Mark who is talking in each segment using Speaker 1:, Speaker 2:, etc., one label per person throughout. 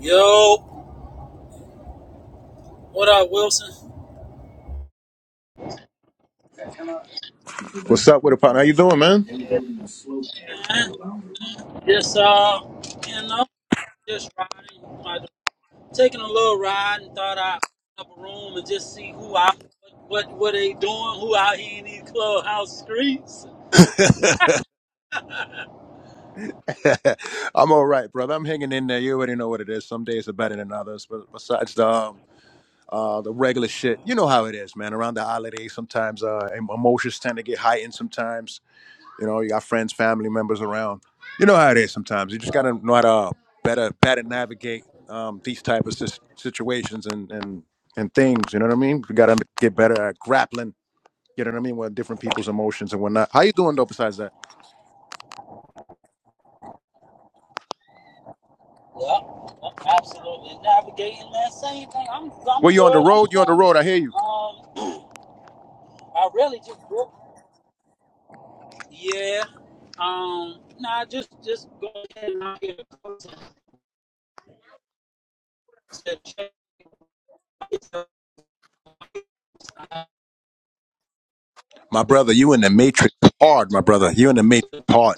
Speaker 1: Yo, what up, Wilson?
Speaker 2: What's up with a partner? How you doing, man?
Speaker 1: Yeah, man. Just uh, you know, just riding, like, taking a little ride, and thought I'd open up a room and just see who out, what, what, they doing, who out here in these clubhouse streets.
Speaker 2: I'm all right, brother. I'm hanging in there. You already know what it is. Some days are better than others, but besides the um, uh, the regular shit, you know how it is, man. Around the holidays, sometimes uh, em- emotions tend to get heightened. Sometimes, you know, you got friends, family members around. You know how it is. Sometimes you just gotta know how to uh, better better navigate um, these type of sis- situations and and and things. You know what I mean? You gotta get better at grappling. You know what I mean? With different people's emotions and whatnot. How you doing though? Besides that,
Speaker 1: Yeah, absolutely. Navigating that same thing. I'm,
Speaker 2: well,
Speaker 1: I'm
Speaker 2: you on the
Speaker 1: good. I'm
Speaker 2: road. You on the
Speaker 1: cool.
Speaker 2: road. I hear you.
Speaker 1: Um, I really just, go- yeah. Um, nah, just, just go ahead and I'll get i
Speaker 2: My brother, you in the Matrix hard, my brother. You in the Matrix hard.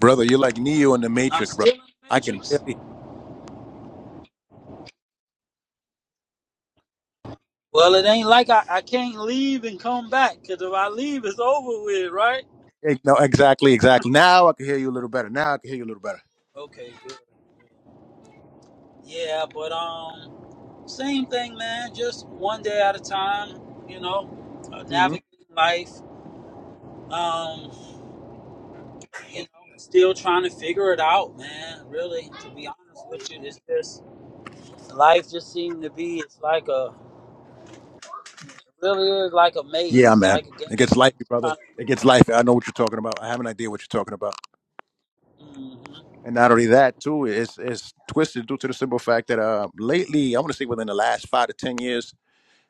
Speaker 2: Brother, you're like Neo in the
Speaker 1: I'm
Speaker 2: Matrix, brother.
Speaker 1: still in the
Speaker 2: I can
Speaker 1: matrix.
Speaker 2: barely
Speaker 1: Well, it ain't like I, I can't leave and come back, because if I leave, it's over with, right?
Speaker 2: no, exactly, exactly. Now I can hear you a little better. Now I can hear you a little better.
Speaker 1: Okay, good. Yeah, but um, same thing, man. Just one day at a time, you know, uh,
Speaker 2: hmm
Speaker 1: navigating life. Um, you know, still trying to figure it out, man. Really, to be honest with you, it's just life just seemed to be. It's like a it really is like a
Speaker 2: Yeah,
Speaker 1: maze,
Speaker 2: man.
Speaker 1: like a game.
Speaker 2: It gets lifey, brother.
Speaker 1: Trying,
Speaker 2: It gets lifey. I know what you're talking about. I have an idea what you're talking about.
Speaker 1: mm-hmm,
Speaker 2: And not only that, too, it's it's twisted due to the simple fact that uh lately, I want to say within the last five to ten years,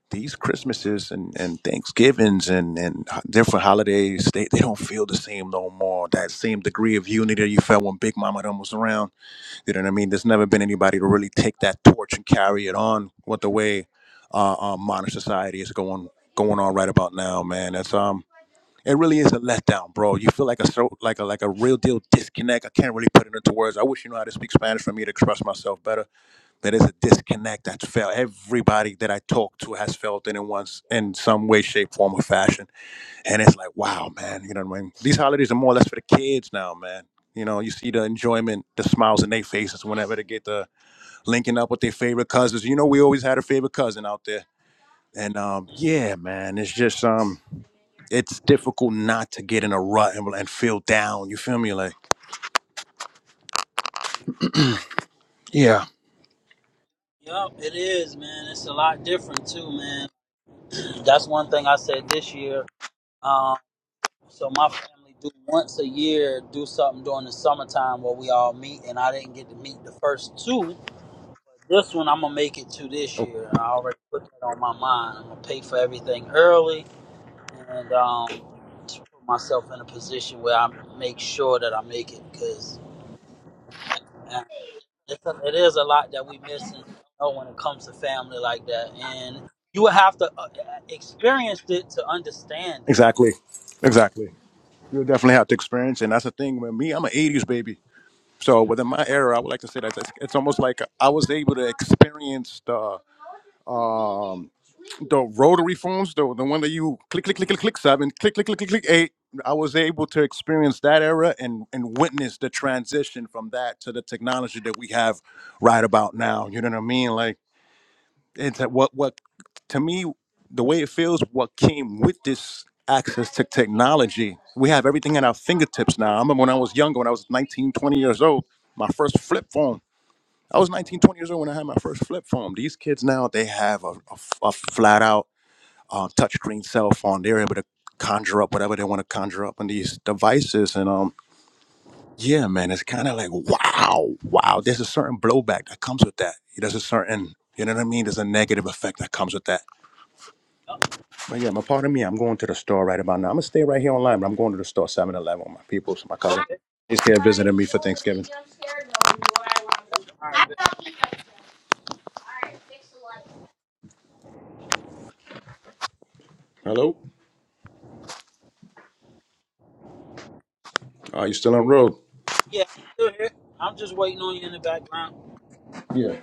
Speaker 2: these Christmases and, and Thanksgivings and, and different holidays, they, they don't feel the same no more. That same degree of unity you felt when Big Mama done was around. You know what I mean? There's never been anybody to really take that torch and carry it on what the way uh, uh, modern society is going going on right about now, man. That's um it really is a letdown, bro. You feel like a so like a like a real deal disconnect. I can't really put it into words. I wish you know how to speak Spanish for me to express myself better there is a disconnect that's felt. Everybody that I talk to has felt it in once in some way, shape, form, or fashion. And it's like, wow, man, you know what I mean? These holidays are more or less for the kids now, man. You know, you see the enjoyment, the smiles in their faces whenever they get the linking up with their favorite cousins. You know, we always had a favorite cousin out there. And um,
Speaker 1: mm,
Speaker 2: yeah, man, it's just um it's difficult not to get in a rut and, and feel down. You feel me? Like, yeah,
Speaker 1: yep, it is, man. It's a lot different too, man. That's one thing I said this year. Um, so my family do once a year do something during the summertime where we all meet, and I didn't get to meet the first two. This one I'm gonna make it to this year. I already put that on my mind. I'm gonna pay for everything early, and um, to put myself in a position where I make sure that I make it because it's a, it is a lot that we missing. You know, when it comes to family like that, and you will have to uh, experience it to understand it.
Speaker 2: exactly. Exactly. You'll definitely have to experience it. And that's the thing with me, I'm an 80s baby. So within my era, I would like to say that it's, it's almost like I was able to experience the um the rotary phones, the the one that you click click click click click seven, click click click click click eight. I was able to experience that era and and witness the transition from that to the technology that we have right about now. You know what I mean? Like it's that what what to me the way it feels what came with this access to technology we have everything at our fingertips now i remember when i was younger when i was 19 20 years old my first flip phone i was 19 20 years old when i had my first flip phone these kids now they have a, a f- a flat out uh, touchscreen cell phone they're able to conjure up whatever they want to conjure up on these devices and um yeah man it's kind of like wow wow there's a certain blowback that comes with that there's a certain you know what i mean there's a negative effect that comes with that
Speaker 1: Yup.
Speaker 2: But yeah, my part of me, I'm going to the store right about now. I'm gonna stay right here online, but I'm going to the store 7 Eleven with my peoples, my cousin.
Speaker 1: Okay.
Speaker 2: He's here visiting me for Thanksgiving.
Speaker 1: Yep. All right. bet.
Speaker 2: Hello? Are you still on road?
Speaker 1: Yeah, I'm still here. I'm just waiting on you in the background.
Speaker 2: Yeah.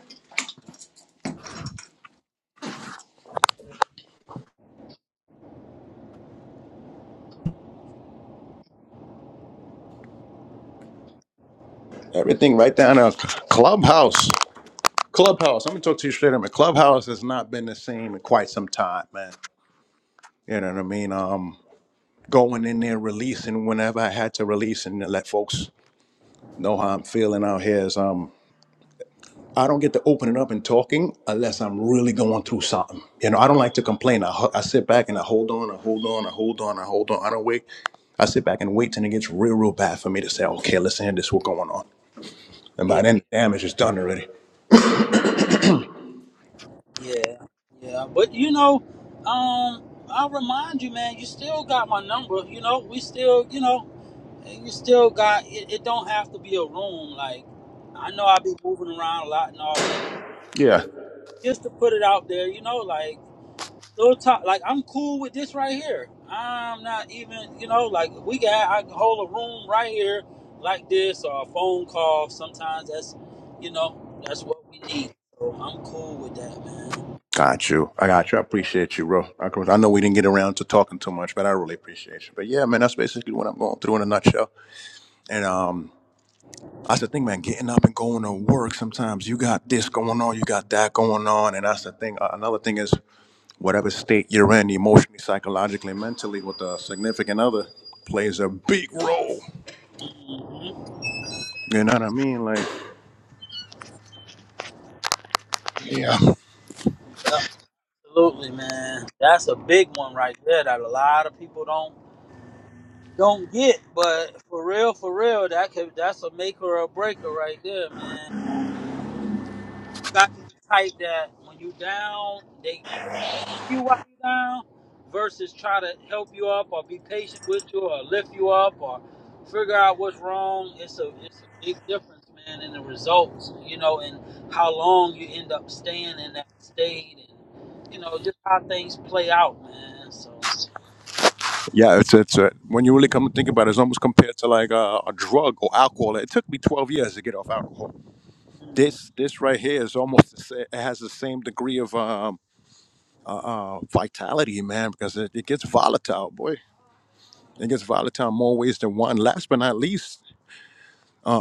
Speaker 2: Everything right down there. Clubhouse. Clubhouse. I'm gonna talk to you straight up. man. Clubhouse has not been the same in quite some time, man. You know what I mean? Um going in there releasing whenever I had to release and let folks know how I'm feeling out here is um I don't get to opening up and talking unless I'm really going through something. You know, I don't like to complain. I, ho- I sit back and I hold on, I hold on, I hold on, I hold on. I don't wait. I sit back and wait till it gets real, real bad for me to say, okay, listen, this is what's going on. And
Speaker 1: Yeah,
Speaker 2: by then, the damage is done already.
Speaker 1: yeah, yeah. But you know, um, I'll remind you, man. You still got my number. You know, we still, you know, and you still got. It, it don't have to be a room. Like, I know I be moving around a lot and all of that.
Speaker 2: Yeah.
Speaker 1: But Just to put it out there, you know, like. Little talk, like I'm cool with this right here. I'm not even, you know, like we got I can hold a room right here like this or a phone call. Sometimes that's, you know, that's what we need. So I'm cool with that, man.
Speaker 2: Got you. I got you. I appreciate you, bro. I I know we didn't get around to talking too much, but I really appreciate you. But yeah, man, that's basically what I'm going through in a nutshell. And um, that's the thing, man. Getting up and going to work. Sometimes you got this going on, you got that going on, and that's the thing. Uh, another thing is whatever state you're in, emotionally, psychologically, mentally, with a significant other, plays a big role.
Speaker 1: hmm
Speaker 2: You know what I mean? Like, yeah,
Speaker 1: Absolutely, man. That's a big one right there that a lot of people don't don't get. But for real, for real, that could that's a maker or a breaker right there, man. You got to type that when you down. they you while you down versus try to help you up or be patient with you or lift you up or figure out what's wrong. It's a it's a big difference, man, in the results, you know, and how long you end up staying in that state and you know, just how things play out, man. So
Speaker 2: yeah. It's it's uh, when you really come to think about it, it's almost compared to like uh, a drug or alcohol. It took me 12 years to get off alcohol. This this right here is almost the sa- it has the same degree of um, uh, vitality, man, because it, it gets volatile, boy. It gets volatile in more ways than one. Last but not least,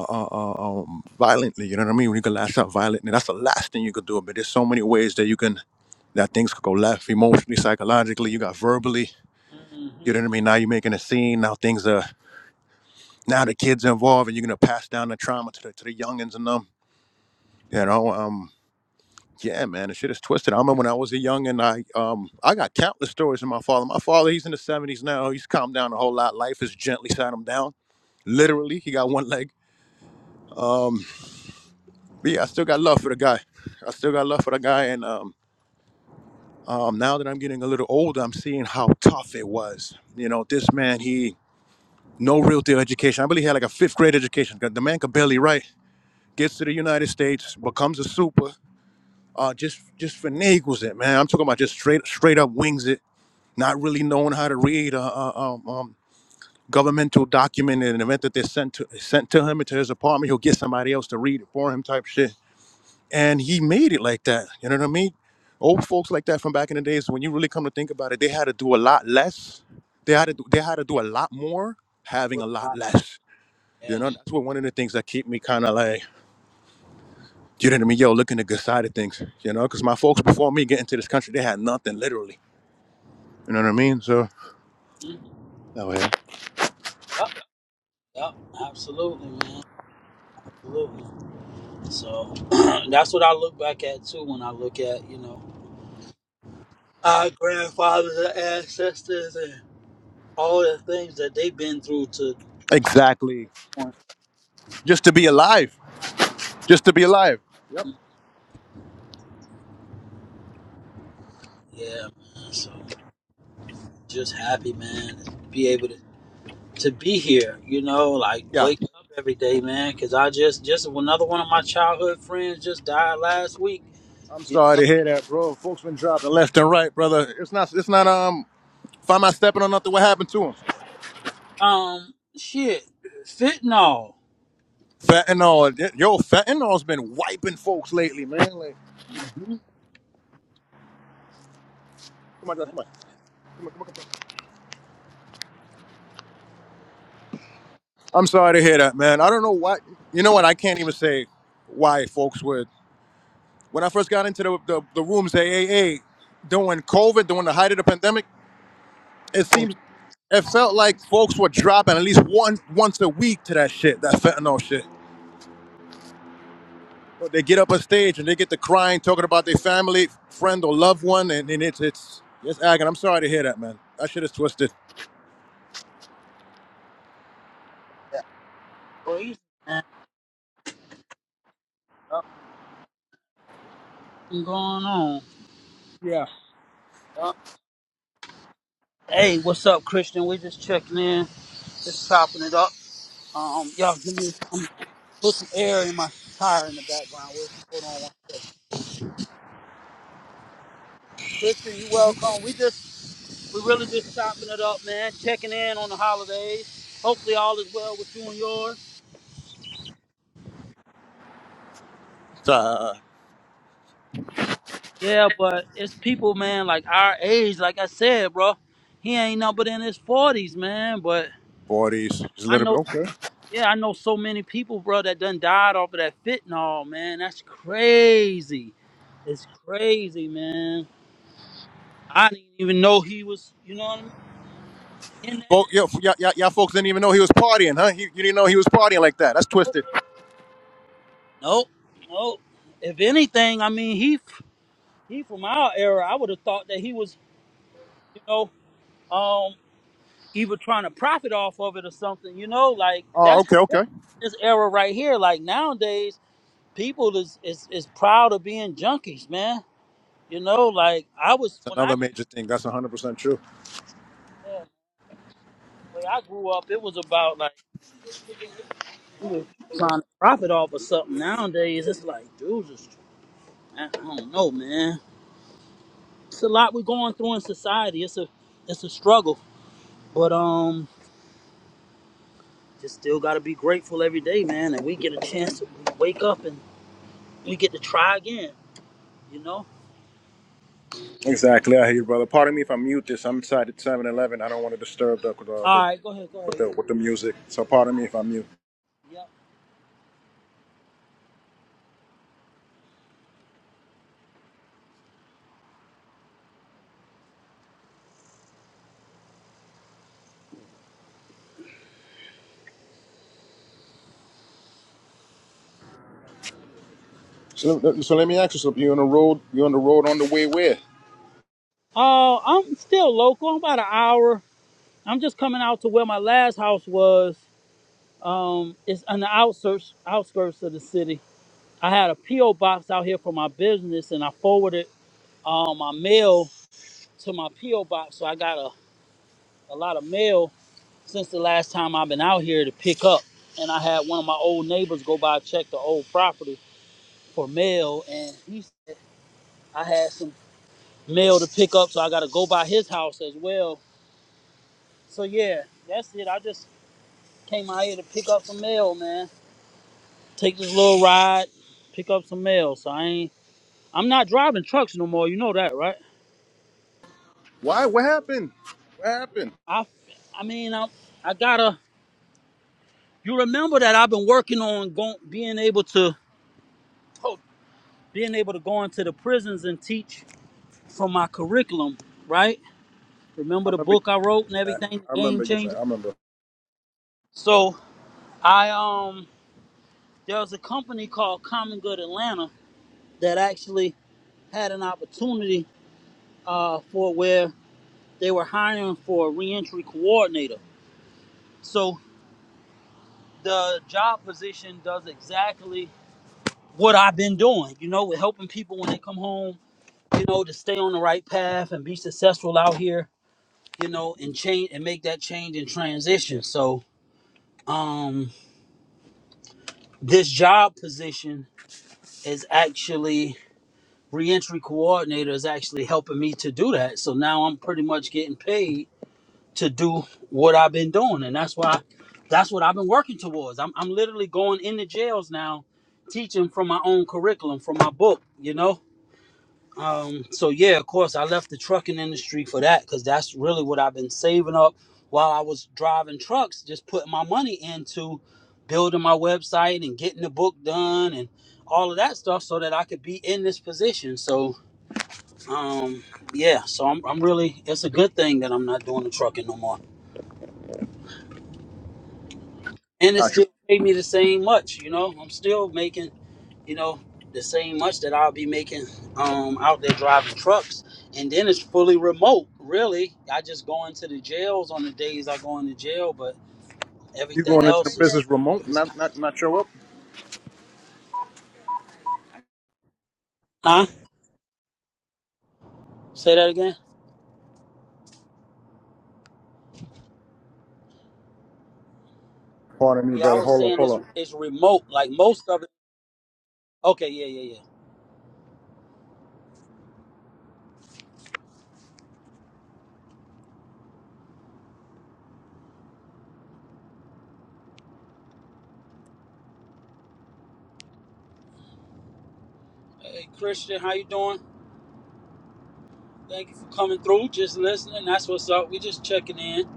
Speaker 2: uh, uh, uh, um, violently. You know what I mean? When you can lash out violently, that's the last thing you could do. But there's so many ways that you can that things could go left emotionally, psychologically. You got verbally.
Speaker 1: mm-hmm.
Speaker 2: You know what I mean? Now you're making a scene. Now things are now the kids are involved, and you're gonna pass down the trauma to the to the youngins and them. You know, um, yeah, man, the shit is twisted. I remember when I was a youngin, I um I got countless stories from my father. My father, he's in the 70s now. He's calmed down a whole lot. Life has gently sat him down. Literally, he got one leg. But yeah, I still got love for the guy. I still got love for the guy, and um, um, now that I'm getting a little older, I'm seeing how tough it was. You know, this man, he no real deal education. I believe he had like a fifth grade education. The man could barely write. Gets to the United States, becomes a super. Uh, just just finagles it, man. I'm talking about just straight straight up wings it, not really knowing how to read a, a um, um, governmental document in an event that they sent to sent to him into his apartment. He'll get somebody else to read it for him, type shit and he made it like that. You know what I mean? Old folks like that from back in the days. When you really come to think about it, they had to do a lot less. They had to do, they had to do a lot more, having
Speaker 1: What
Speaker 2: a lot
Speaker 1: about
Speaker 2: less. You
Speaker 1: yeah.
Speaker 2: know, that's what one of the things that keep me kind of like, you know what I mean? Yo, looking the good side of things. You know, because my folks before me getting to this country, they had nothing literally. You know what I mean? So
Speaker 1: Mm,
Speaker 2: That way.
Speaker 1: Yep, yep, absolutely, man. Absolutely. So that's what I look back at too when I look at, you know. our grandfathers and ancestors and all the things that they've been through to
Speaker 2: Exactly.
Speaker 1: this point.
Speaker 2: Just to be alive. Just to be alive.
Speaker 1: Yeah, man. So just happy, man, to be
Speaker 2: Mm.
Speaker 1: able to, to be here, you know, like
Speaker 2: Yeah.
Speaker 1: wake up every day, man, because I just, just another one of my childhood friends just died last week,
Speaker 2: I'm
Speaker 1: you
Speaker 2: sorry
Speaker 1: know.
Speaker 2: to hear that, bro. Folks been dropping left and right, brother. It's not. It's not. Um. If I'm not stepping on nothing, what happened to him?
Speaker 1: Um, shit, fentanyl.
Speaker 2: Fentanyl, yo, fentanyl's been wiping folks lately, man. Like,
Speaker 1: Mm-hmm.
Speaker 2: come on, guys, come on, come on, come on, come on. I'm sorry to hear that, man. I don't know why. You know what? I can't even say why folks would. When I first got into the the, the rooms, at AA, during COVID, during the height of the pandemic, it seems it felt like folks were dropping at least one once a week to that shit, that fentanyl shit. But They get up on stage and they get to crying, talking about their family, friend, or loved one, and, and it's it's it's agony. I'm sorry to hear that, man. That shit is twisted.
Speaker 1: Yeah. Crazy, man. Something going on. Yup. Hey, what's up, Christian? we just checking in, just chopping it up. Um, y'all give me some, put some air in my tire in the background. We'll hold on one second. Christian, you welcome. We just, we really just chopping it up, man. Checking in on the holidays. Hopefully all is well with you and yours.
Speaker 2: uh,
Speaker 1: Yeah, but it's people, man, like our age. Like I said, bro, he ain't no but in his forties, man. But
Speaker 2: 40s, just a
Speaker 1: I
Speaker 2: little
Speaker 1: know,
Speaker 2: bit. Okay.
Speaker 1: yeah, I know so many people, bro, that done died off of that fentanyl, man. That's crazy. It's crazy, man. I didn't even know he was. You know what I mean? In that,
Speaker 2: Folk, yo, y'all, y'all y'all folks didn't even know he was partying, huh? He, you didn't know he was partying like that. That's
Speaker 1: nope,
Speaker 2: twisted.
Speaker 1: nope. nope. If anything, I mean, he he from our era. I would have thought that he was, you know, um, either trying to profit off of it or something. You know, like
Speaker 2: Oh,
Speaker 1: that's
Speaker 2: okay, okay.
Speaker 1: this era right here. Like nowadays, people is is is proud of being junkies, man. You know, like I was
Speaker 2: That's
Speaker 1: when I
Speaker 2: another major thing. That's 100% true.
Speaker 1: yeah, when I grew up, it was about like we were trying to profit off of something. Nowadays, it's like dudes is I don't know, man. It's a lot we're going through in society. It's a it's a struggle, but um, just still gotta be grateful every day, man. And we get a chance to wake up and we get to try again. You know.
Speaker 2: Exactly. I hear you, brother. Pardon me if I mute this. I'm inside at 7 Eleven. I don't want to disturb the, the,
Speaker 1: All
Speaker 2: the,
Speaker 1: right, go ahead, go
Speaker 2: with,
Speaker 1: ahead.
Speaker 2: the, with the music. So pardon me if I mute.
Speaker 1: Yep.
Speaker 2: So, let- so let me ask you something. You're on the road. You're on the road on the way where?
Speaker 1: Uh, I'm still local. I'm about an hour. I'm just coming out to where my last house was. Um, it's on the outskirts outskirts of the city. I had a PO box out here for my business, and I forwarded uh, my mail to my PO box, so I got a, a lot of mail since the last time I've been out here to pick up. And I had one of my old neighbors go by and check the old property for mail, and he said I had some mail to pick up, so I got to go by his house as well. So yeah, that's it. I just came out here to pick up some mail, man. Take this little ride, pick up some mail. So I ain't. I'm not driving trucks no more. You know that, right?
Speaker 2: Why? What happened? What happened?
Speaker 1: I, I mean, I, I gotta. You remember that I've been working on going, being able to, oh, being able to go into the prisons and teach from my curriculum, right? Remember
Speaker 2: I
Speaker 1: the
Speaker 2: remember you
Speaker 1: book I
Speaker 2: made
Speaker 1: wrote and
Speaker 2: mention that.
Speaker 1: everything,
Speaker 2: I
Speaker 1: the game
Speaker 2: remember you.
Speaker 1: changer?
Speaker 2: I remember.
Speaker 1: So I um there was a company called Common Good Atlanta that actually had an opportunity uh for where they were hiring for a reentry coordinator. So the job position does exactly what I've been doing, you know, with helping people when they come home, you know, to stay on the right path and be successful out here, you know, and change and make that change and transition. So um this job position is actually reentry coordinator is actually helping me to do that. So now I'm pretty much getting paid to do what I've been doing, and that's why that's what I've been working towards. I'm I'm literally going into jails now, teaching from my own curriculum, from my book, you know. Um, so yeah, of course, I left the trucking industry for that because that's really what I've been saving up while I was driving trucks, just putting my money into building my website and getting the book done and all of that stuff so that I could be in this position. So um, yeah, so I'm, I'm really it's a good thing that I'm not doing the trucking no more, and it
Speaker 2: Got you.
Speaker 1: still paid me the same much. You know, I'm still making. you know, the same much that I'll be making um, out there driving trucks. And then it's fully remote, really. I just go into the jails on the days I go into jail, but
Speaker 2: You
Speaker 1: everything
Speaker 2: going into the
Speaker 1: else is,
Speaker 2: business remote,
Speaker 1: is
Speaker 2: not, not, not show up?
Speaker 1: huh? Say that again?
Speaker 2: Pardon me,
Speaker 1: Yeah, I
Speaker 2: brother.
Speaker 1: was
Speaker 2: Hold up,
Speaker 1: saying it's,
Speaker 2: hold up.
Speaker 1: it's remote, like most of it. Okay, yeah, yeah, yeah. Hey, Christian, how you doing? Thank you for coming through, just listening. That's what's up. We just checking in,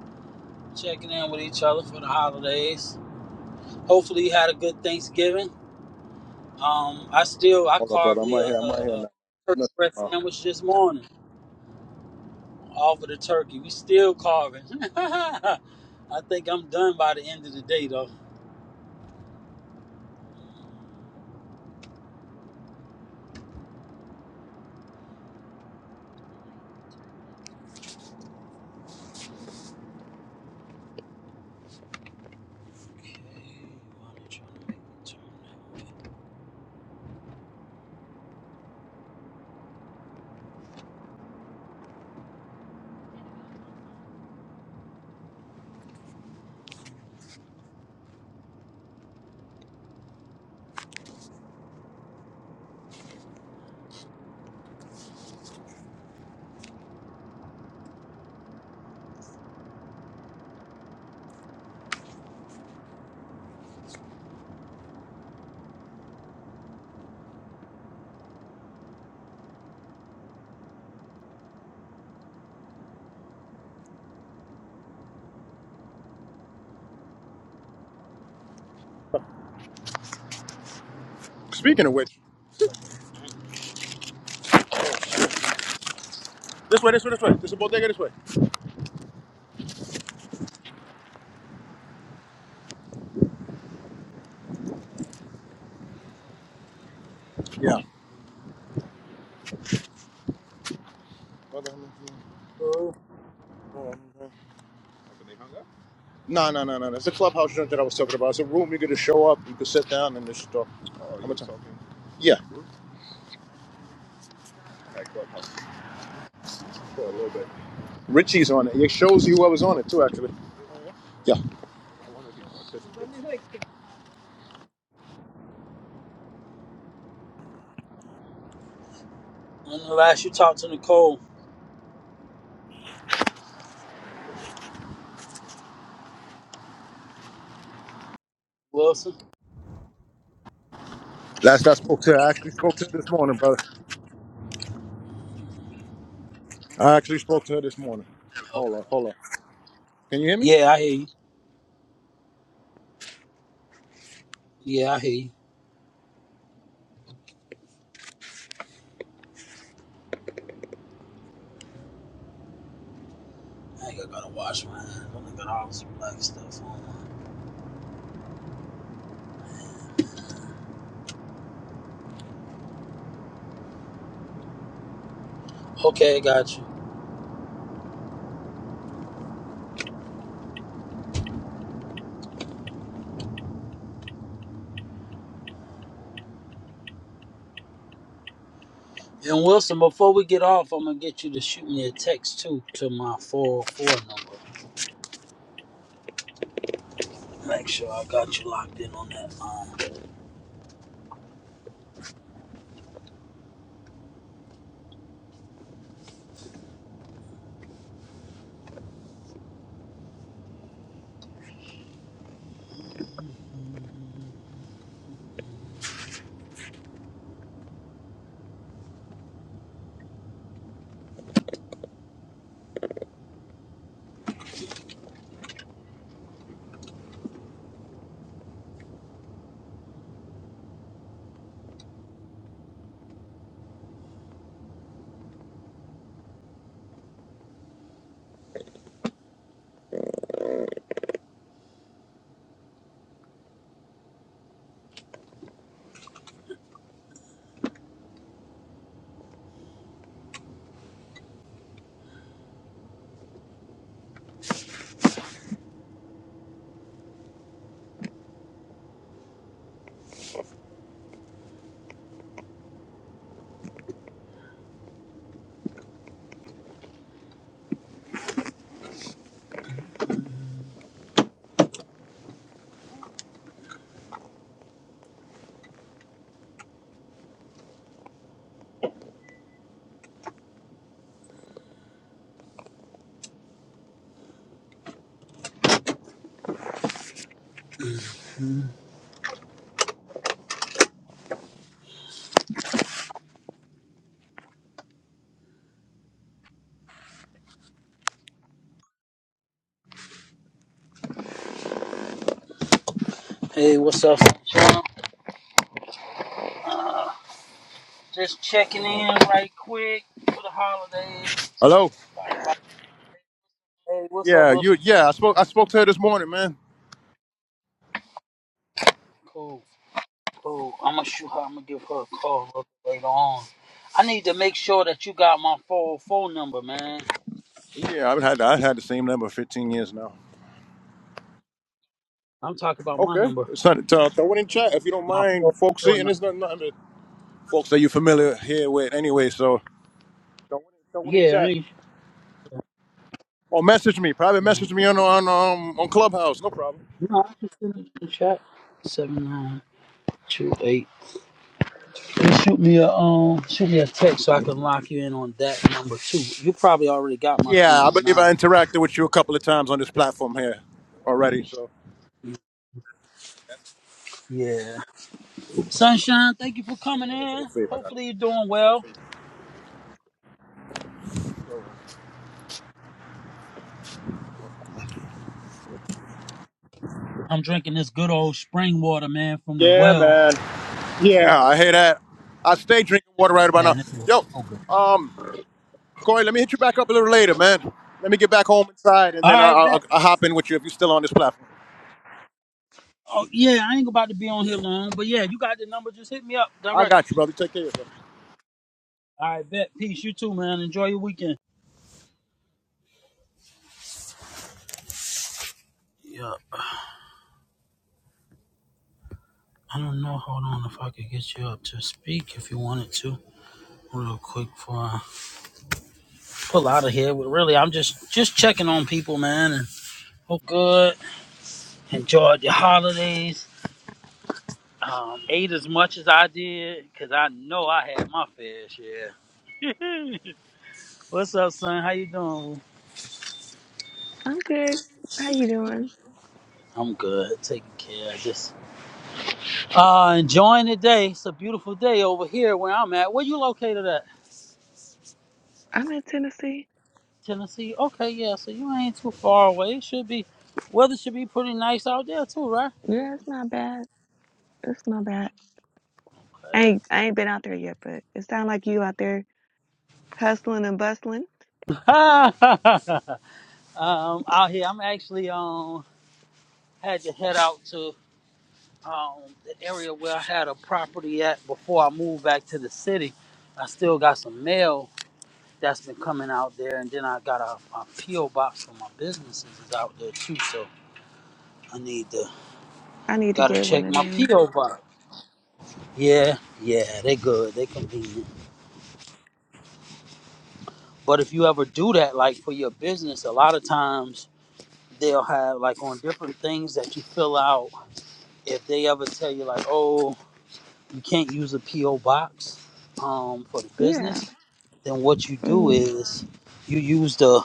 Speaker 1: checking in with each other for the holidays. Hopefully you had a good Thanksgiving. Um, I still I
Speaker 2: Hold up, brother.
Speaker 1: carved
Speaker 2: I'm
Speaker 1: me a,
Speaker 2: right here.
Speaker 1: a,
Speaker 2: I'm right here
Speaker 1: a
Speaker 2: now. I'm
Speaker 1: turkey
Speaker 2: listening.
Speaker 1: breast
Speaker 2: Uh,
Speaker 1: sandwich this morning off of the turkey. We still carving. I think I'm done by the end of the day though. Okay, I'm trying to make a turn that way.
Speaker 2: Speaking of which, this way, this way, this way. This is bodega this way. Yeah. Brother, I'm listening.
Speaker 1: Cool.
Speaker 2: they hung up? No, no, no, no. no. It's a clubhouse joint that I was talking about. It's a room you get to show up. You can sit down and just talk. Oh, you I'm were talking. Yeah. At clubhouse for a little bit. Richie's on it. It shows you what was on it too, actually. Yeah.
Speaker 1: When the last you talked to Nicole Wilson?
Speaker 2: Last I spoke to her, I actually spoke to her this morning, brother. I actually spoke to her this morning.
Speaker 1: Okay.
Speaker 2: Hold on, hold on. Can you hear me?
Speaker 1: Yeah, I hear you. Yeah, I hear you. I ain't gotta wash my hands. I only got all this black stuff on. Okay, got you. And Wilson, before we get off, I'm gonna get you to shoot me a text too to my 404 number. Make sure I got you locked in on that line. Hey, what's up, Sean? Just checking in right quick for the holidays.
Speaker 2: Hello.
Speaker 1: Hey, what's up,
Speaker 2: Yeah, you.
Speaker 1: Wilson?
Speaker 2: Yeah, I spoke. I spoke to her this morning, man.
Speaker 1: Cool, cool. I'm gonna shoot her. I'm gonna give her a call a little later on. I need to make sure that you got my 404 number, man.
Speaker 2: Yeah, I've had I've had the same number for 15 years now.
Speaker 1: I'm talking about my
Speaker 2: Okay,
Speaker 1: number.
Speaker 2: it's not, uh, throw it in chat if you don't
Speaker 1: My
Speaker 2: mind, folks.
Speaker 1: 404
Speaker 2: See, and
Speaker 1: number.
Speaker 2: it's not nothing that folks that you're familiar here with anyway. So throw it, throw it in
Speaker 1: Yeah, I
Speaker 2: chat
Speaker 1: ain't sure.
Speaker 2: or message me, private
Speaker 1: Uh,
Speaker 2: message me on on um, on Clubhouse. No problem.
Speaker 1: No, I can send it in the chat. 7928. Just shoot me a um, shoot me a text so I can lock you in on that number too. You probably already got my three
Speaker 2: Yeah, I
Speaker 1: one
Speaker 2: believe
Speaker 1: nine
Speaker 2: I
Speaker 1: number.
Speaker 2: interacted with you a couple of times on this platform here already. So that's
Speaker 1: Yeah. Sunshine, thank you for
Speaker 2: I went
Speaker 1: coming
Speaker 2: over there for
Speaker 1: in.
Speaker 2: this favor. I got it.
Speaker 1: Hopefully you're doing well. I'm drinking this good old spring water, man, from the
Speaker 2: Yeah,
Speaker 1: well.
Speaker 2: man. Yeah, I hear that. I stay drinking water right about now.
Speaker 1: Man, this was
Speaker 2: Yo,
Speaker 1: so good.
Speaker 2: um. Corey, let me hit you back up a little later, man. Let me get back home inside, and
Speaker 1: All
Speaker 2: then I-
Speaker 1: right,
Speaker 2: will
Speaker 1: bet.
Speaker 2: I'll, I'll hop in with you if you're still on this platform.
Speaker 1: Oh yeah, I ain't about to be on here long, but yeah, you got the number. Just hit me up
Speaker 2: I
Speaker 1: directly.
Speaker 2: got you, brother. Take care of yourself.
Speaker 1: All right, bet. Peace. You too, man. Enjoy your weekend. Yeah, I don't know. Hold on, if I could get you up to speak if you wanted to, real quick, for. pull out of here. But really, I'm just just checking on people, man. And hope good. Enjoyed your holidays. Um, ate as much as I did because I know I had my fair share. What's up, son? How you doing?
Speaker 3: I'm good. How you doing?
Speaker 1: I'm good. Taking care. Just uh, enjoying the day. It's a beautiful day over here where I'm at. Where you located at?
Speaker 3: I'm in Tennessee.
Speaker 1: Tennessee. Okay, yeah. So you ain't too far away. It should be weather should be pretty nice out there too, right?
Speaker 3: Yeah, it's not bad. It's not bad. I ain't I ain't been out there yet, but it sound like you out there hustling and bustling.
Speaker 1: Okay. Um, out here, I'm actually um had to head out to um the area where I had a property at before I moved back to the city. I still got some mail that's been coming out there, and then I got a, PO box for my businesses is out there too. So I need to
Speaker 3: I need to
Speaker 1: gotta
Speaker 3: get one
Speaker 1: check
Speaker 3: of
Speaker 1: my
Speaker 3: them.
Speaker 1: PO box. Yeah, yeah, they good, they convenient. But if you ever do that, like for your business, a lot of times they'll have like on different things that you fill out. If they ever tell you like, oh you can't use a PO box um, for the
Speaker 3: Yeah.
Speaker 1: business, then what you do
Speaker 3: hmm
Speaker 1: is you use the,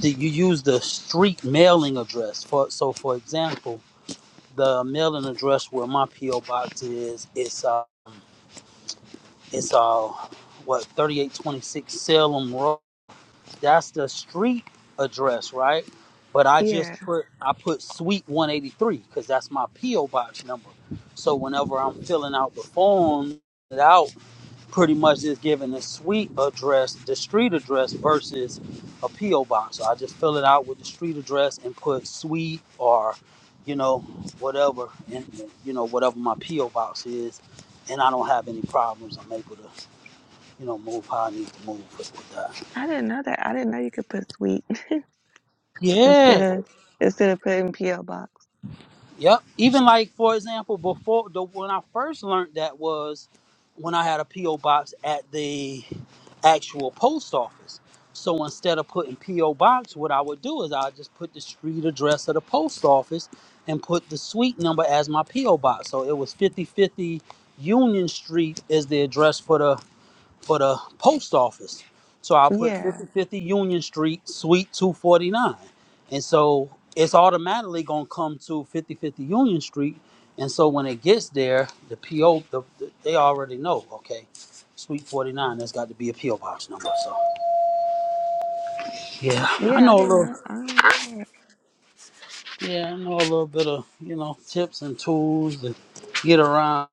Speaker 1: the you use the street mailing address. For so, for example, the mailing address where my PO box is, it's uh, it's uh, what thirty eight twenty six Salem Road. That's the street address, right? But I
Speaker 3: Yeah.
Speaker 1: just put I put Suite one eighty three because that's my PO box number. So whenever I'm filling out the form, it out pretty much just giving a suite address, the street address versus a PO box. So I just fill it out with the street address and put suite or, you know, whatever, and you know whatever my PO box is, and I don't have any problems. I'm able to, you know, move how I need to move with that.
Speaker 3: I didn't know that. I didn't know you could put sweet instead
Speaker 1: Yeah,
Speaker 3: of instead of putting PO box.
Speaker 1: Yep. Even like for example, before the when I first learned that was when I had a PO box at the actual post office. So instead of putting PO box, what I would do is I just put the street address of the post office and put the suite number as my PO box. So it was 5050 Union Street is the address for the for the post office. So I'll put
Speaker 3: Yeah.
Speaker 1: 5050 Union Street, Suite 249. And so it's automatically going to come to 5050 Union Street. And so when it gets there, the PO, the, the- they already know, okay, Suite 49, that's got to be a PO box number. So yeah, I
Speaker 3: Yeah, I
Speaker 1: know a
Speaker 3: did not.
Speaker 1: little,
Speaker 3: know. I didn't know that.
Speaker 1: yeah, I know a little bit of, you know, tips and tools to get around,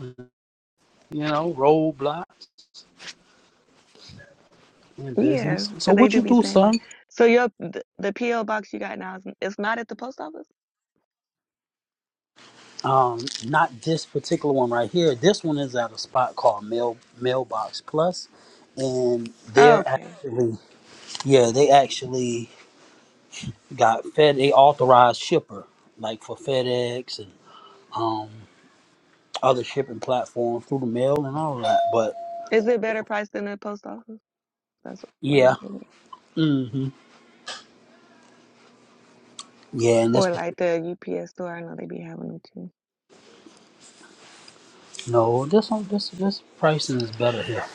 Speaker 1: you know, roadblocks in
Speaker 3: Yeah,
Speaker 1: business. So
Speaker 3: 'cause they
Speaker 1: what
Speaker 3: do
Speaker 1: you
Speaker 3: be
Speaker 1: do,
Speaker 3: saying
Speaker 1: son?
Speaker 3: that. So your the, the PO box you got now is it's not at the post office?
Speaker 1: Um, not this particular one right here. This one is at a spot called Mail Mailbox Plus, and
Speaker 3: Oh,
Speaker 1: they're
Speaker 3: okay.
Speaker 1: actually yeah they actually got Fed they authorized shipper like for FedEx and um other shipping platforms through the mail and all that. But
Speaker 3: Is it better price than the post office? That's why you
Speaker 1: yeah,
Speaker 3: did it.
Speaker 1: mm hmm yeah, and this
Speaker 3: Or like the UPS store. I know they be having them too.
Speaker 1: no this one this this pricing is better here.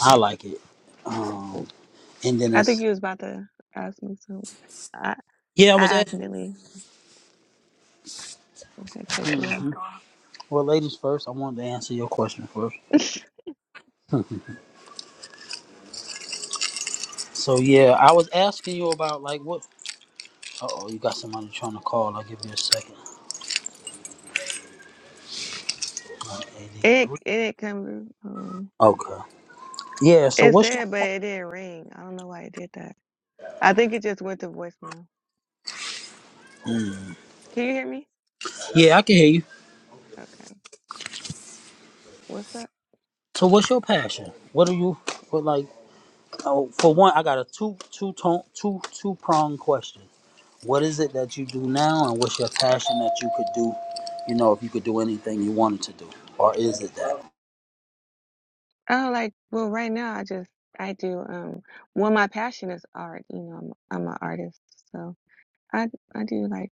Speaker 1: I like it. Um, and then
Speaker 3: I think
Speaker 1: it's
Speaker 3: you was about to ask me something. I
Speaker 1: yeah I
Speaker 3: I
Speaker 1: was asking
Speaker 3: accidentally cut you off.
Speaker 1: well ladies first. I wanted to answer your question first. So yeah, I was asking you about like what. Uh oh, you got somebody trying to call. I'll give you a second. Uh,
Speaker 3: it
Speaker 1: 83.
Speaker 3: it didn't come. through. Um,
Speaker 1: Okay. Yeah. So
Speaker 3: it
Speaker 1: what's your?
Speaker 3: said, but it didn't ring. I don't know why it did that. I think it just went to voicemail. Can you hear me?
Speaker 1: Yeah, I can hear you.
Speaker 3: Okay. What's up?
Speaker 1: So what's your passion? What are you? What like? Oh, for one, I got a two two tone two two prong question. What is it that you do now, and what's your passion that you could do? You know, if you could do anything you wanted to do, or is it that?
Speaker 3: Oh, like well, right now I just I do um. Well, my passion is art. You know, I'm I'm an artist, so I I do like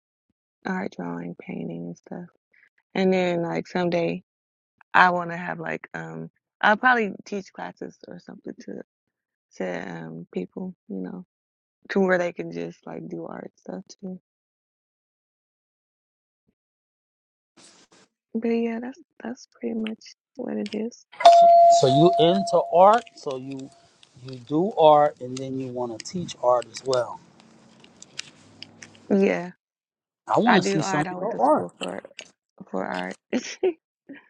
Speaker 3: art, drawing, painting, and stuff. And then like someday I want to have like um I'll probably teach classes or something to to um people, you know, to where they can just like do art stuff too. But yeah, that's that's pretty much what it is.
Speaker 1: So you into art, so you you do art, and then you want to teach art as well.
Speaker 3: Yeah,
Speaker 1: I want
Speaker 3: I
Speaker 1: to
Speaker 3: do
Speaker 1: see some
Speaker 3: art.
Speaker 1: of
Speaker 3: I went
Speaker 1: your
Speaker 3: to
Speaker 1: art.
Speaker 3: school for for art.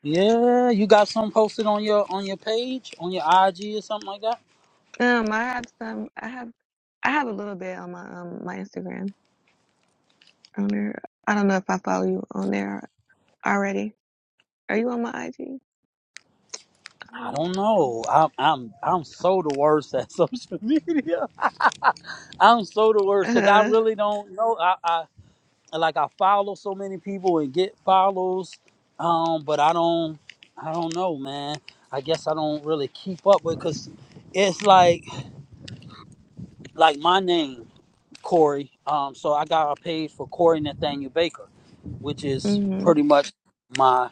Speaker 1: Yeah, you got some posted on your on your page, on your IG or something like that.
Speaker 3: um, I have some. I have I have a little bit on my um my Instagram on there. I don't know if I follow you on there already. Are you on my IG? I
Speaker 1: I
Speaker 3: don't.
Speaker 1: don't know. I'm I'm I'm so the worst at social media. I'm so the worst because I
Speaker 3: Uh,
Speaker 1: really don't know. I, I like I follow so many people and get follows, um, but I don't I don't know, man. I guess I don't really keep up with because it's like like my name. Corey. Um, so I got a page for Corey Nathaniel Baker, which is
Speaker 3: mm-hmm.
Speaker 1: pretty much my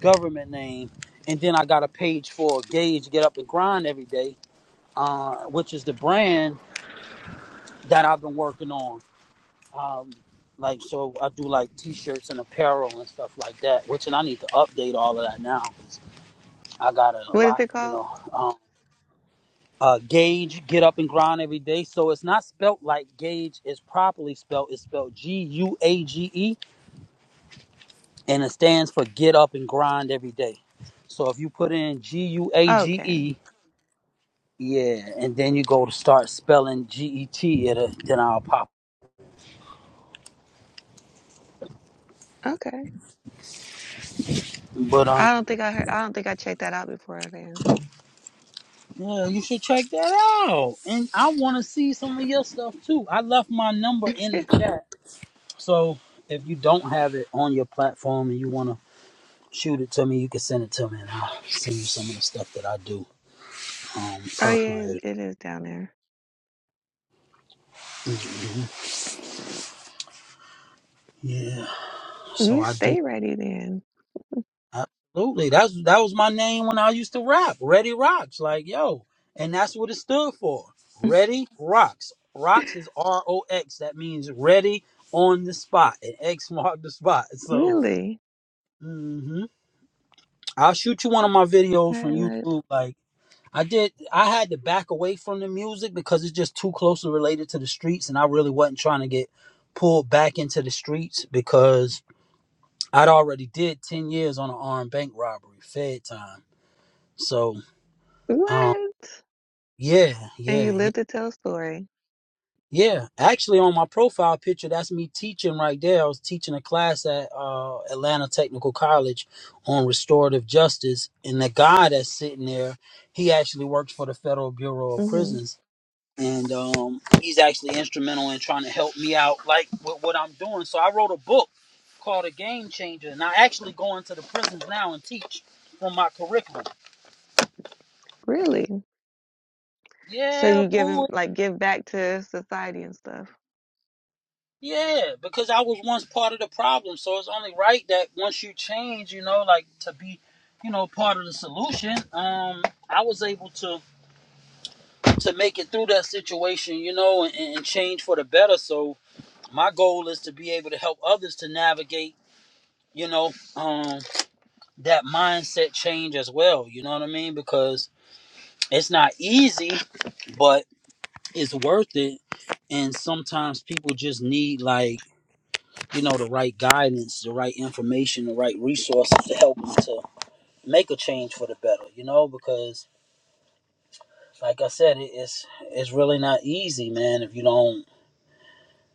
Speaker 1: government name. And then I got a page for Gage Get Up and Grind Every Day, uh, which is the brand that I've been working on. Um, like so, I do like T-shirts and apparel and stuff like that. Which and I need to update all of that now. I got it a
Speaker 3: What is
Speaker 1: lot,
Speaker 3: it
Speaker 1: you
Speaker 3: called?
Speaker 1: know. Um, uh, Gage Get Up and Grind Every Day. So it's not spelt like Gage is properly spelled. It's spelled G U A G E and it stands for get up and grind every day. So if you put in G U A G
Speaker 3: Okay.
Speaker 1: E, yeah, and then you go to start spelling G E T, it'll then I'll pop.
Speaker 3: Okay.
Speaker 1: But um,
Speaker 3: I don't think I heard, I don't think I checked that out before then.
Speaker 1: yeah, you should check that out. And I want to see some of your stuff too. I left my number in the chat, so if you don't have it on your platform and you want to shoot it to me, you can send it to me, and I'll send you some of the stuff that I do um
Speaker 3: Oh yeah, it
Speaker 1: personally.
Speaker 3: it is down there.
Speaker 1: Mhm. Yeah, so
Speaker 3: You
Speaker 1: I do
Speaker 3: stay ready then.
Speaker 1: Absolutely. That's that was my name when I used to rap. Ready Rocks. Like, yo. And that's what it stood for. Ready Rocks. Rocks is R O X. That means ready on the spot. And X marked the spot. So
Speaker 3: Really?
Speaker 1: hmm I'll shoot you one of my
Speaker 3: I
Speaker 1: videos
Speaker 3: did
Speaker 1: from YouTube. Like I did I had to back away from the music because it's just too closely related to the streets and I really wasn't trying to get pulled back into the streets because I'd already did 10 years on an armed bank robbery, Fed time. So Um,
Speaker 3: What?
Speaker 1: yeah,
Speaker 3: And
Speaker 1: yeah,
Speaker 3: you
Speaker 1: yeah,
Speaker 3: live to tell a story.
Speaker 1: yeah. Actually, on my profile picture, that's me teaching right there. I was teaching a class at uh, Atlanta Technical College on restorative justice, and the guy that's sitting there, he actually works for the Federal Bureau of
Speaker 3: hmm
Speaker 1: Prisons, and um, he's actually instrumental in trying to help me out, like with what I'm doing. So I wrote a book called A Game Changer, and I actually go into the prisons now and teach from my curriculum.
Speaker 3: Really? So
Speaker 1: Yeah,
Speaker 3: you give
Speaker 1: boo,
Speaker 3: him like give back to society and stuff.
Speaker 1: Yeah, because I was once part of the problem, so it's only right that once you change, you know, like to be, you know, part of the solution. Um, I was able to to make it through that situation, you know, and, and change for the better. So my goal is to be able to help others to navigate, you know, um, that mindset change as well. You know what I mean? Because it's not easy, but it's worth it. And sometimes people just need like you know, the right guidance, the right information, the right resources to help them to make a change for the better, you know, because like I said, it, it's it's really not easy, man, if you don't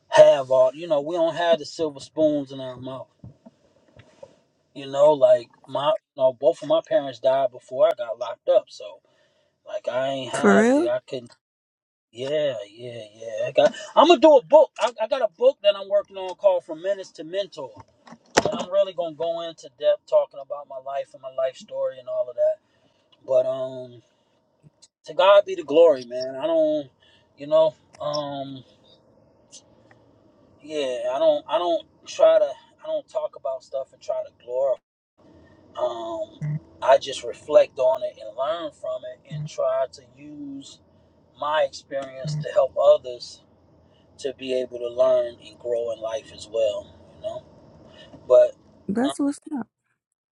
Speaker 1: have all you know, we don't have the silver spoons in our mouth. You know, like my you know, both of my parents died before I got locked up, so like I ain't
Speaker 3: For
Speaker 1: have
Speaker 3: real?
Speaker 1: yeah, I couldn't yeah, yeah, yeah. I got I'm gonna do a book. I, I got a book that I'm working on called From Menace to Mentor I'm really gonna go into depth talking about my life and my life story and all of that. But um, to God be the glory, man. I don't, you know, um, yeah, I don't, I don't try to, I don't talk about stuff and try to glorify. Um, I just reflect on it and learn from it and try to use my experience to help others to be able to learn and grow in life as well, you know. But um,
Speaker 3: That's what's up.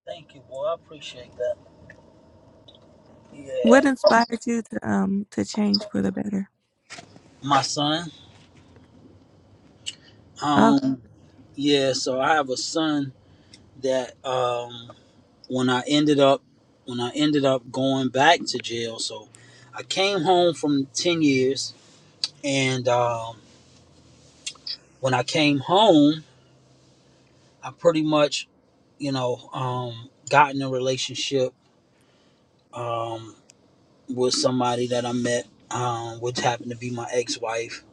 Speaker 1: thank you, boy. I appreciate that.
Speaker 3: What
Speaker 1: Yeah,
Speaker 3: inspired you to um to change for the better?
Speaker 1: my son.
Speaker 3: Oh,
Speaker 1: Um, yeah, so I have a son that um when I ended up when I ended up going back to jail, so I came home from ten years and um when I came home I pretty much, you know, um got in a relationship um with somebody that I met, um, which happened to be my ex wife,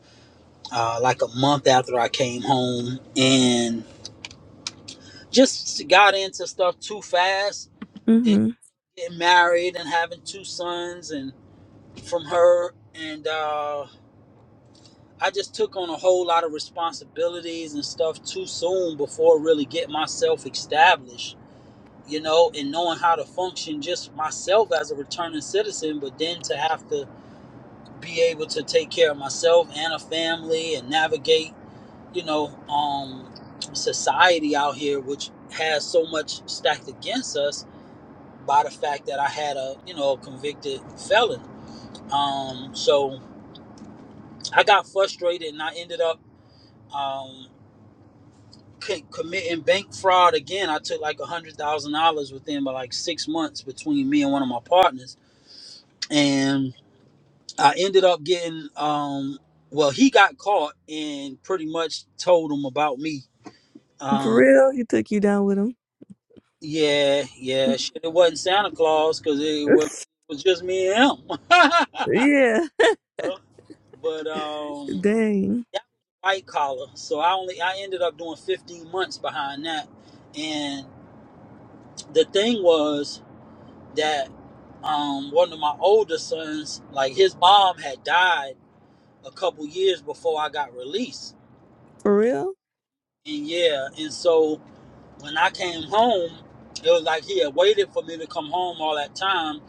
Speaker 1: uh like a month after I came home and just got into stuff too fast
Speaker 3: mm-hmm.
Speaker 1: getting married and having two sons and from her and uh I just took on a whole lot of responsibilities and stuff too soon before really getting myself established, you know, and knowing how to function just myself as a returning citizen, but then to have to be able to take care of myself and a family and navigate, you know, um society out here which has so much stacked against us by the fact that I had a, you know, convicted felon Um, so I got frustrated and I ended up um, c- committing bank fraud again. I took like a hundred thousand dollars within about like six months between me and one of my partners, and I ended up getting um, well, he got caught and pretty much told him about me.
Speaker 3: For
Speaker 1: Um,
Speaker 3: real? He took you down with him.
Speaker 1: yeah, yeah, shit, it wasn't Santa Claus because it was, it was just me and him.
Speaker 3: yeah.
Speaker 1: But um,
Speaker 3: Dang.
Speaker 1: that was white collar. So I only I ended up doing 15 months behind that. And the thing was that um, one of my older sons, like his mom had died a couple years before I got released.
Speaker 3: For real?
Speaker 1: And yeah, and so when I came home, it was like he had waited for me to come home all that time.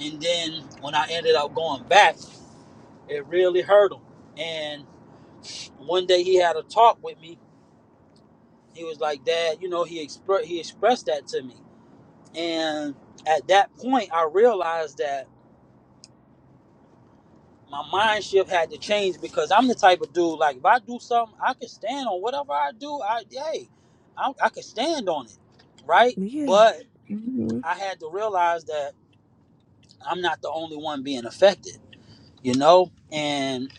Speaker 1: And then when I ended up going back, it really hurt him. And one day he had a talk with me he was like dad you know he expre- he expressed that to me and at that point i realized that my mind shift had to change because i'm the type of dude like if i do something i can stand on whatever i do i hey i, I can stand on it right but
Speaker 3: Yeah.
Speaker 1: i had to realize that i'm not the only one being affected you know and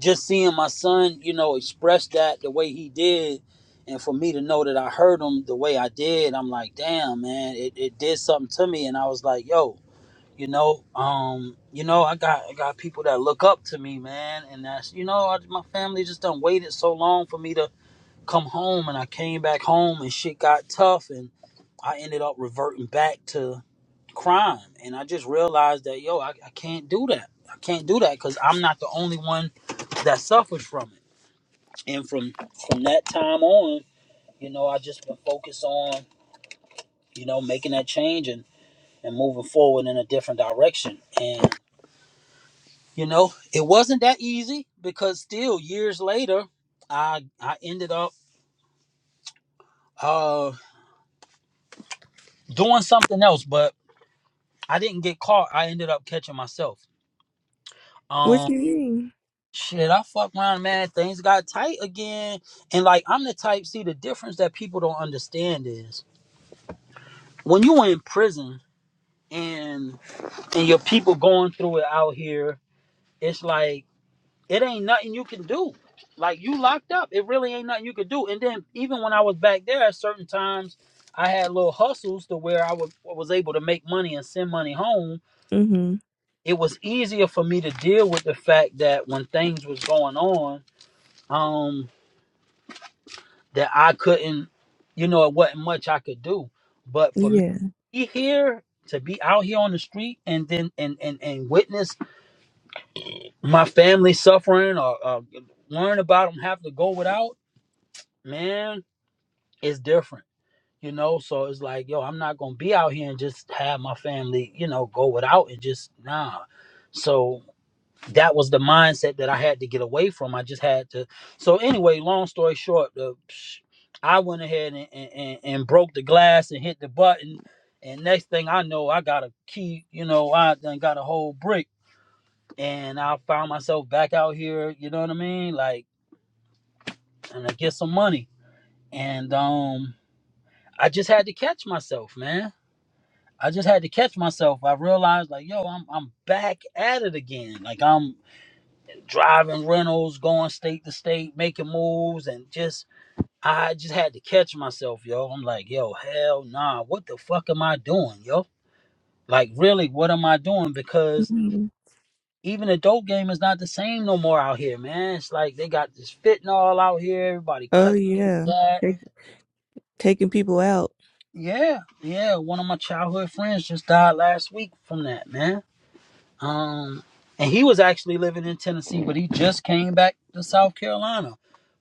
Speaker 1: just seeing my son you know express that the way he did and for me to know that i heard him the way i did i'm like damn man it, it did something to me and i was like yo you know um you know i got i got people that look up to me man and that's you know I, my family just done waited so long for me to come home and i came back home and shit got tough and i ended up reverting back to crime. And I just realized that, yo, I, I can't do that. I can't do that because I'm not the only one that suffers from it. And from from that time on, you know, I just been focused on, you know, making that change and, and moving forward in a different direction. And, you know, it wasn't that easy because still years later, I I ended up uh doing something else, but I didn't get caught. I ended up catching myself.
Speaker 3: What
Speaker 1: Um.
Speaker 3: you mean?
Speaker 1: Shit, I fuck around, man. Things got tight again. And like I'm the type, see the difference that people don't understand is when you in prison and and your people going through it out here, it's like it ain't nothing you can do. Like you locked up. It really ain't nothing you could do. And then even when I was back there at certain times, I had little hustles to where I would, was able to make money and send money home.
Speaker 3: Mm-hmm.
Speaker 1: It was easier for me to deal with the fact that when things was going on, um, that I couldn't, you know, it wasn't much I could do. But for me to
Speaker 3: Yeah.
Speaker 1: be here, to be out here on the street and then and and, and witness my family suffering or uh, learn about them having to go without, man, it's different. You know, so it's like, yo, I'm not gonna be out here and just have my family, you know, go without and just nah. So that was the mindset that I had to get away from. I just had to. So anyway, long story short, uh, psh, I went ahead and, and, and broke the glass and hit the button. And next thing I know, I got a key. You know, I then got a whole brick, and I found myself back out here. You know what I mean? Like, and I get some money. And um, I just had to catch myself, man. I just had to catch myself. I realized, like, yo, I'm I'm back at it again. Like I'm driving rentals, going state to state, making moves, and just I just had to catch myself, yo. I'm like, yo, hell nah, what the fuck am I doing, yo? Like, really, what am I doing? Because
Speaker 3: hmm
Speaker 1: even adult game is not the same no more out here, man. It's like they got this fentanyl out here, everybody
Speaker 3: Oh
Speaker 1: cut with
Speaker 3: yeah.
Speaker 1: that.
Speaker 3: Take, taking people out.
Speaker 1: Yeah, yeah. One of my childhood friends just died last week from that, man. Um, and he was actually living in Tennessee, but he just came back to South Carolina.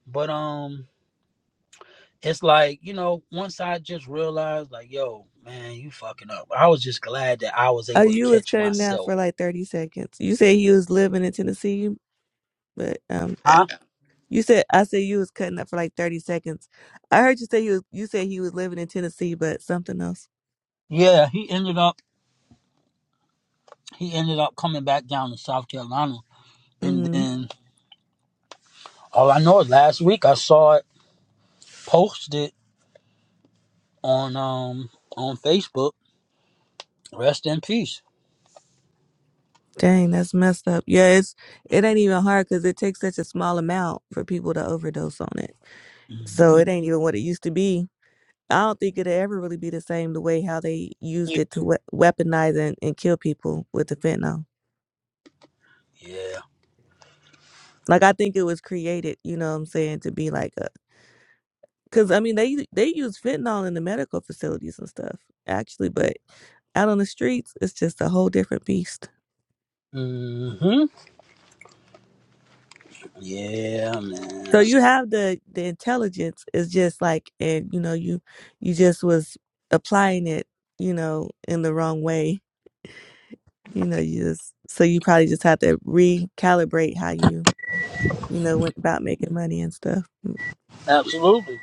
Speaker 1: But um, it's like you know once i just realized like yo man you fucking up i was just glad that i was
Speaker 3: Oh,
Speaker 1: able to
Speaker 3: you was
Speaker 1: catch
Speaker 3: cutting out
Speaker 1: myself
Speaker 3: for like thirty seconds. You said you was living in Tennessee, but um,
Speaker 1: huh
Speaker 3: you said I said you was cutting up for like thirty seconds. I heard you say you was, you said he was living in Tennessee, but something else.
Speaker 1: yeah he ended up he ended up coming back down to south carolina and
Speaker 3: hmm
Speaker 1: then all i know is last week i saw it posted on um on facebook rest in peace
Speaker 3: Dang, that's messed up. Yeah, it's it ain't even hard because it takes such a small amount for people to overdose on it. So
Speaker 1: Mhm.
Speaker 3: it ain't even what it used to be. I don't think it'll ever really be the same the way how they used it to we- weaponize and, and kill people with the fentanyl.
Speaker 1: yeah
Speaker 3: Like I think it was created, you know what I'm saying, to be like a cuz I mean they they use fentanyl in the medical facilities and stuff actually, but out on the streets it's just a whole different beast.
Speaker 1: hmm yeah
Speaker 3: So
Speaker 1: man
Speaker 3: you have the the intelligence it's just like and you know you you just was applying it, you know, in the wrong way. You know, you just so you probably just have to recalibrate how you you know, went about making money and stuff. Mm.
Speaker 1: absolutely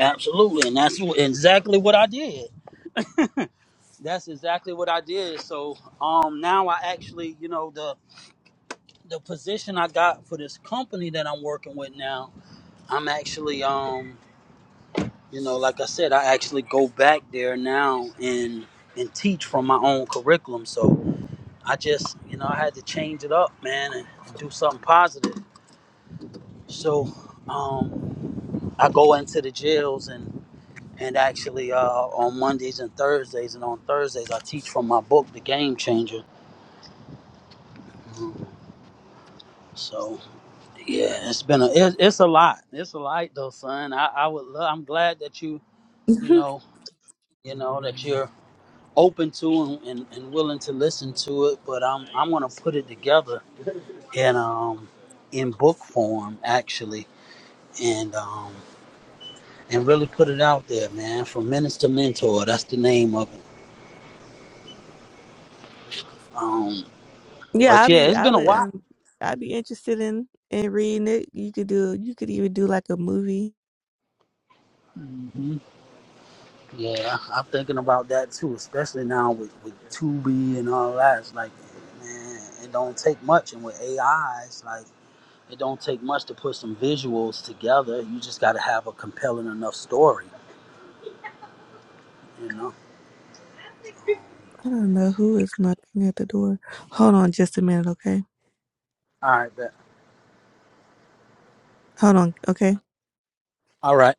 Speaker 1: absolutely and that's what- exactly what i did That's exactly what I did. So um now I actually, you know, the the position I got for this company that I'm working with now, I'm actually um, you know, like I said, I actually go back there now and and teach from my own curriculum. So I just, you know, I had to change it up, man, and do something positive. So um I go into the jails and and actually uh, on Mondays and Thursdays and on Thursdays I teach from my book The Game Changer. Mhm. So Yeah, it's been a it, it's a lot. It's a lot though, son. I, I would love, I'm glad that you you know you know that you're open to and, and, and willing to listen to it. But I'm I'm gonna put it together in um in book form actually, and um and really put it out there, man. From minister mentor, that's the name of it. Um,
Speaker 3: yeah,
Speaker 1: but
Speaker 3: I'll
Speaker 1: yeah,
Speaker 3: be
Speaker 1: it's
Speaker 3: I
Speaker 1: been a
Speaker 3: would
Speaker 1: while.
Speaker 3: um I'd be interested in in reading it. You could do you could even do like a movie.
Speaker 1: Mm-hmm. Yeah, I'm thinking about that too, especially now with with Tubi and all that. It's like, man, it don't take much, and with AI, it's like it don't take much to put some visuals together. You just got to have a compelling enough story, you know.
Speaker 3: I don't know who is knocking at the door. Hold on just a minute, okay?
Speaker 1: All right, bet.
Speaker 3: Hold on, okay?
Speaker 1: All right.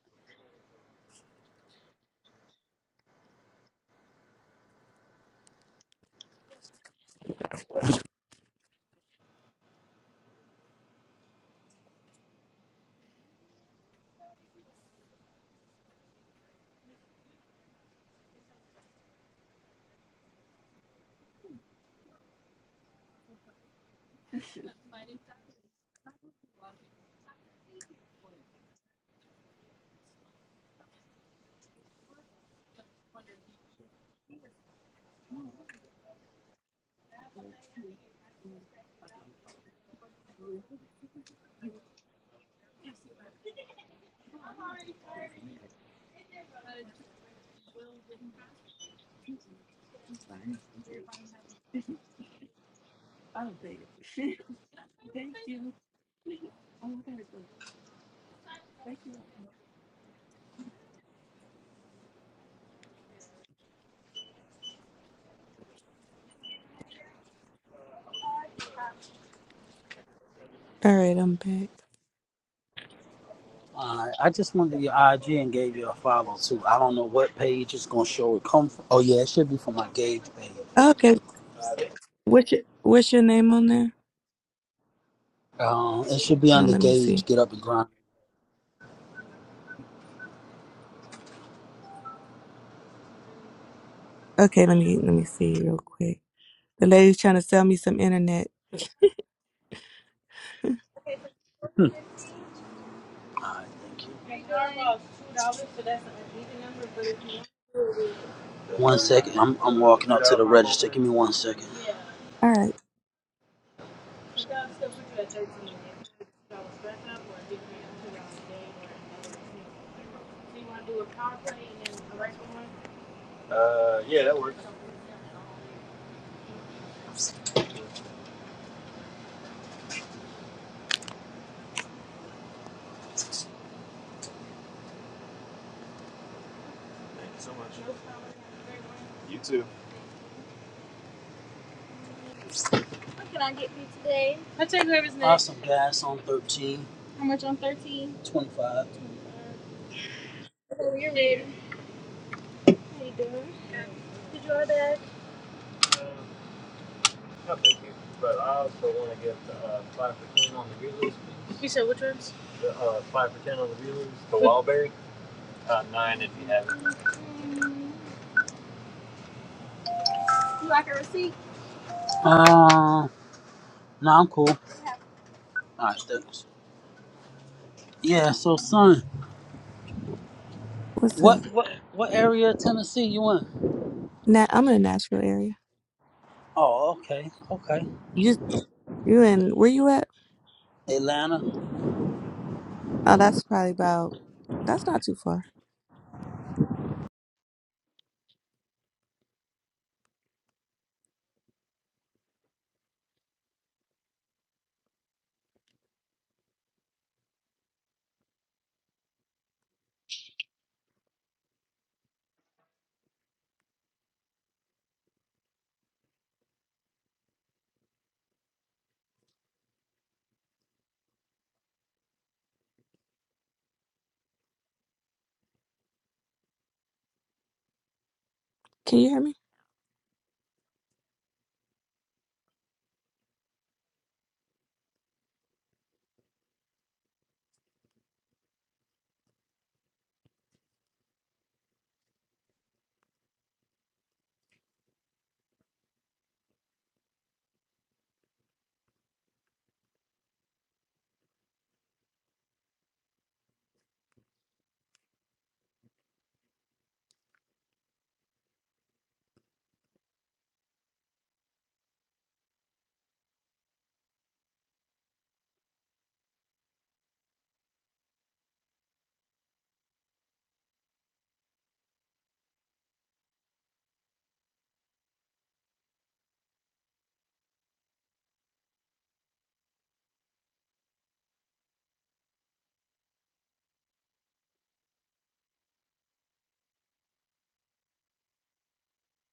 Speaker 3: All right, I'm back.
Speaker 1: All right. I just went to your IG and gave you a follow too. I don't know what page it's gonna show it come from. Oh yeah, it should be from my Gauge page.
Speaker 3: Okay, what's your, what's your name on there?
Speaker 1: Um, it should be
Speaker 3: Hold on,
Speaker 1: under
Speaker 3: let me
Speaker 1: Gauge.
Speaker 3: see.
Speaker 1: Get up and grind.
Speaker 3: Okay, let me let me see real quick. The lady's trying to sell me some internet.
Speaker 1: All right, thank you. One second. I'm I'm walking up to the register. Give me one second.
Speaker 3: All right,
Speaker 1: Uh, yeah, that works. Thank you so much. You too. What can I get for you today? I'll take whoever's next. Awesome gas on 13, How much on 13? 25. Oh, you're ready. How you doing? Good. Did you order that? Uh, no, thank you. But I also want to get uh, five for ten on the wheelers, please. uh, five for ten on the wheelers. The Wildberry. Uh, nine if you have it. Mm, You like a receipt? Uh, no, I'm cool. Yeah. All right, thanks. Yeah, so son,
Speaker 3: what's up?
Speaker 1: What what what area of Tennessee you in?
Speaker 3: Now I'm in the Nashville area.
Speaker 1: Oh, okay, okay.
Speaker 3: You you in where you at?
Speaker 1: Atlanta.
Speaker 3: Oh, that's probably about. That's not too far. Can you hear me?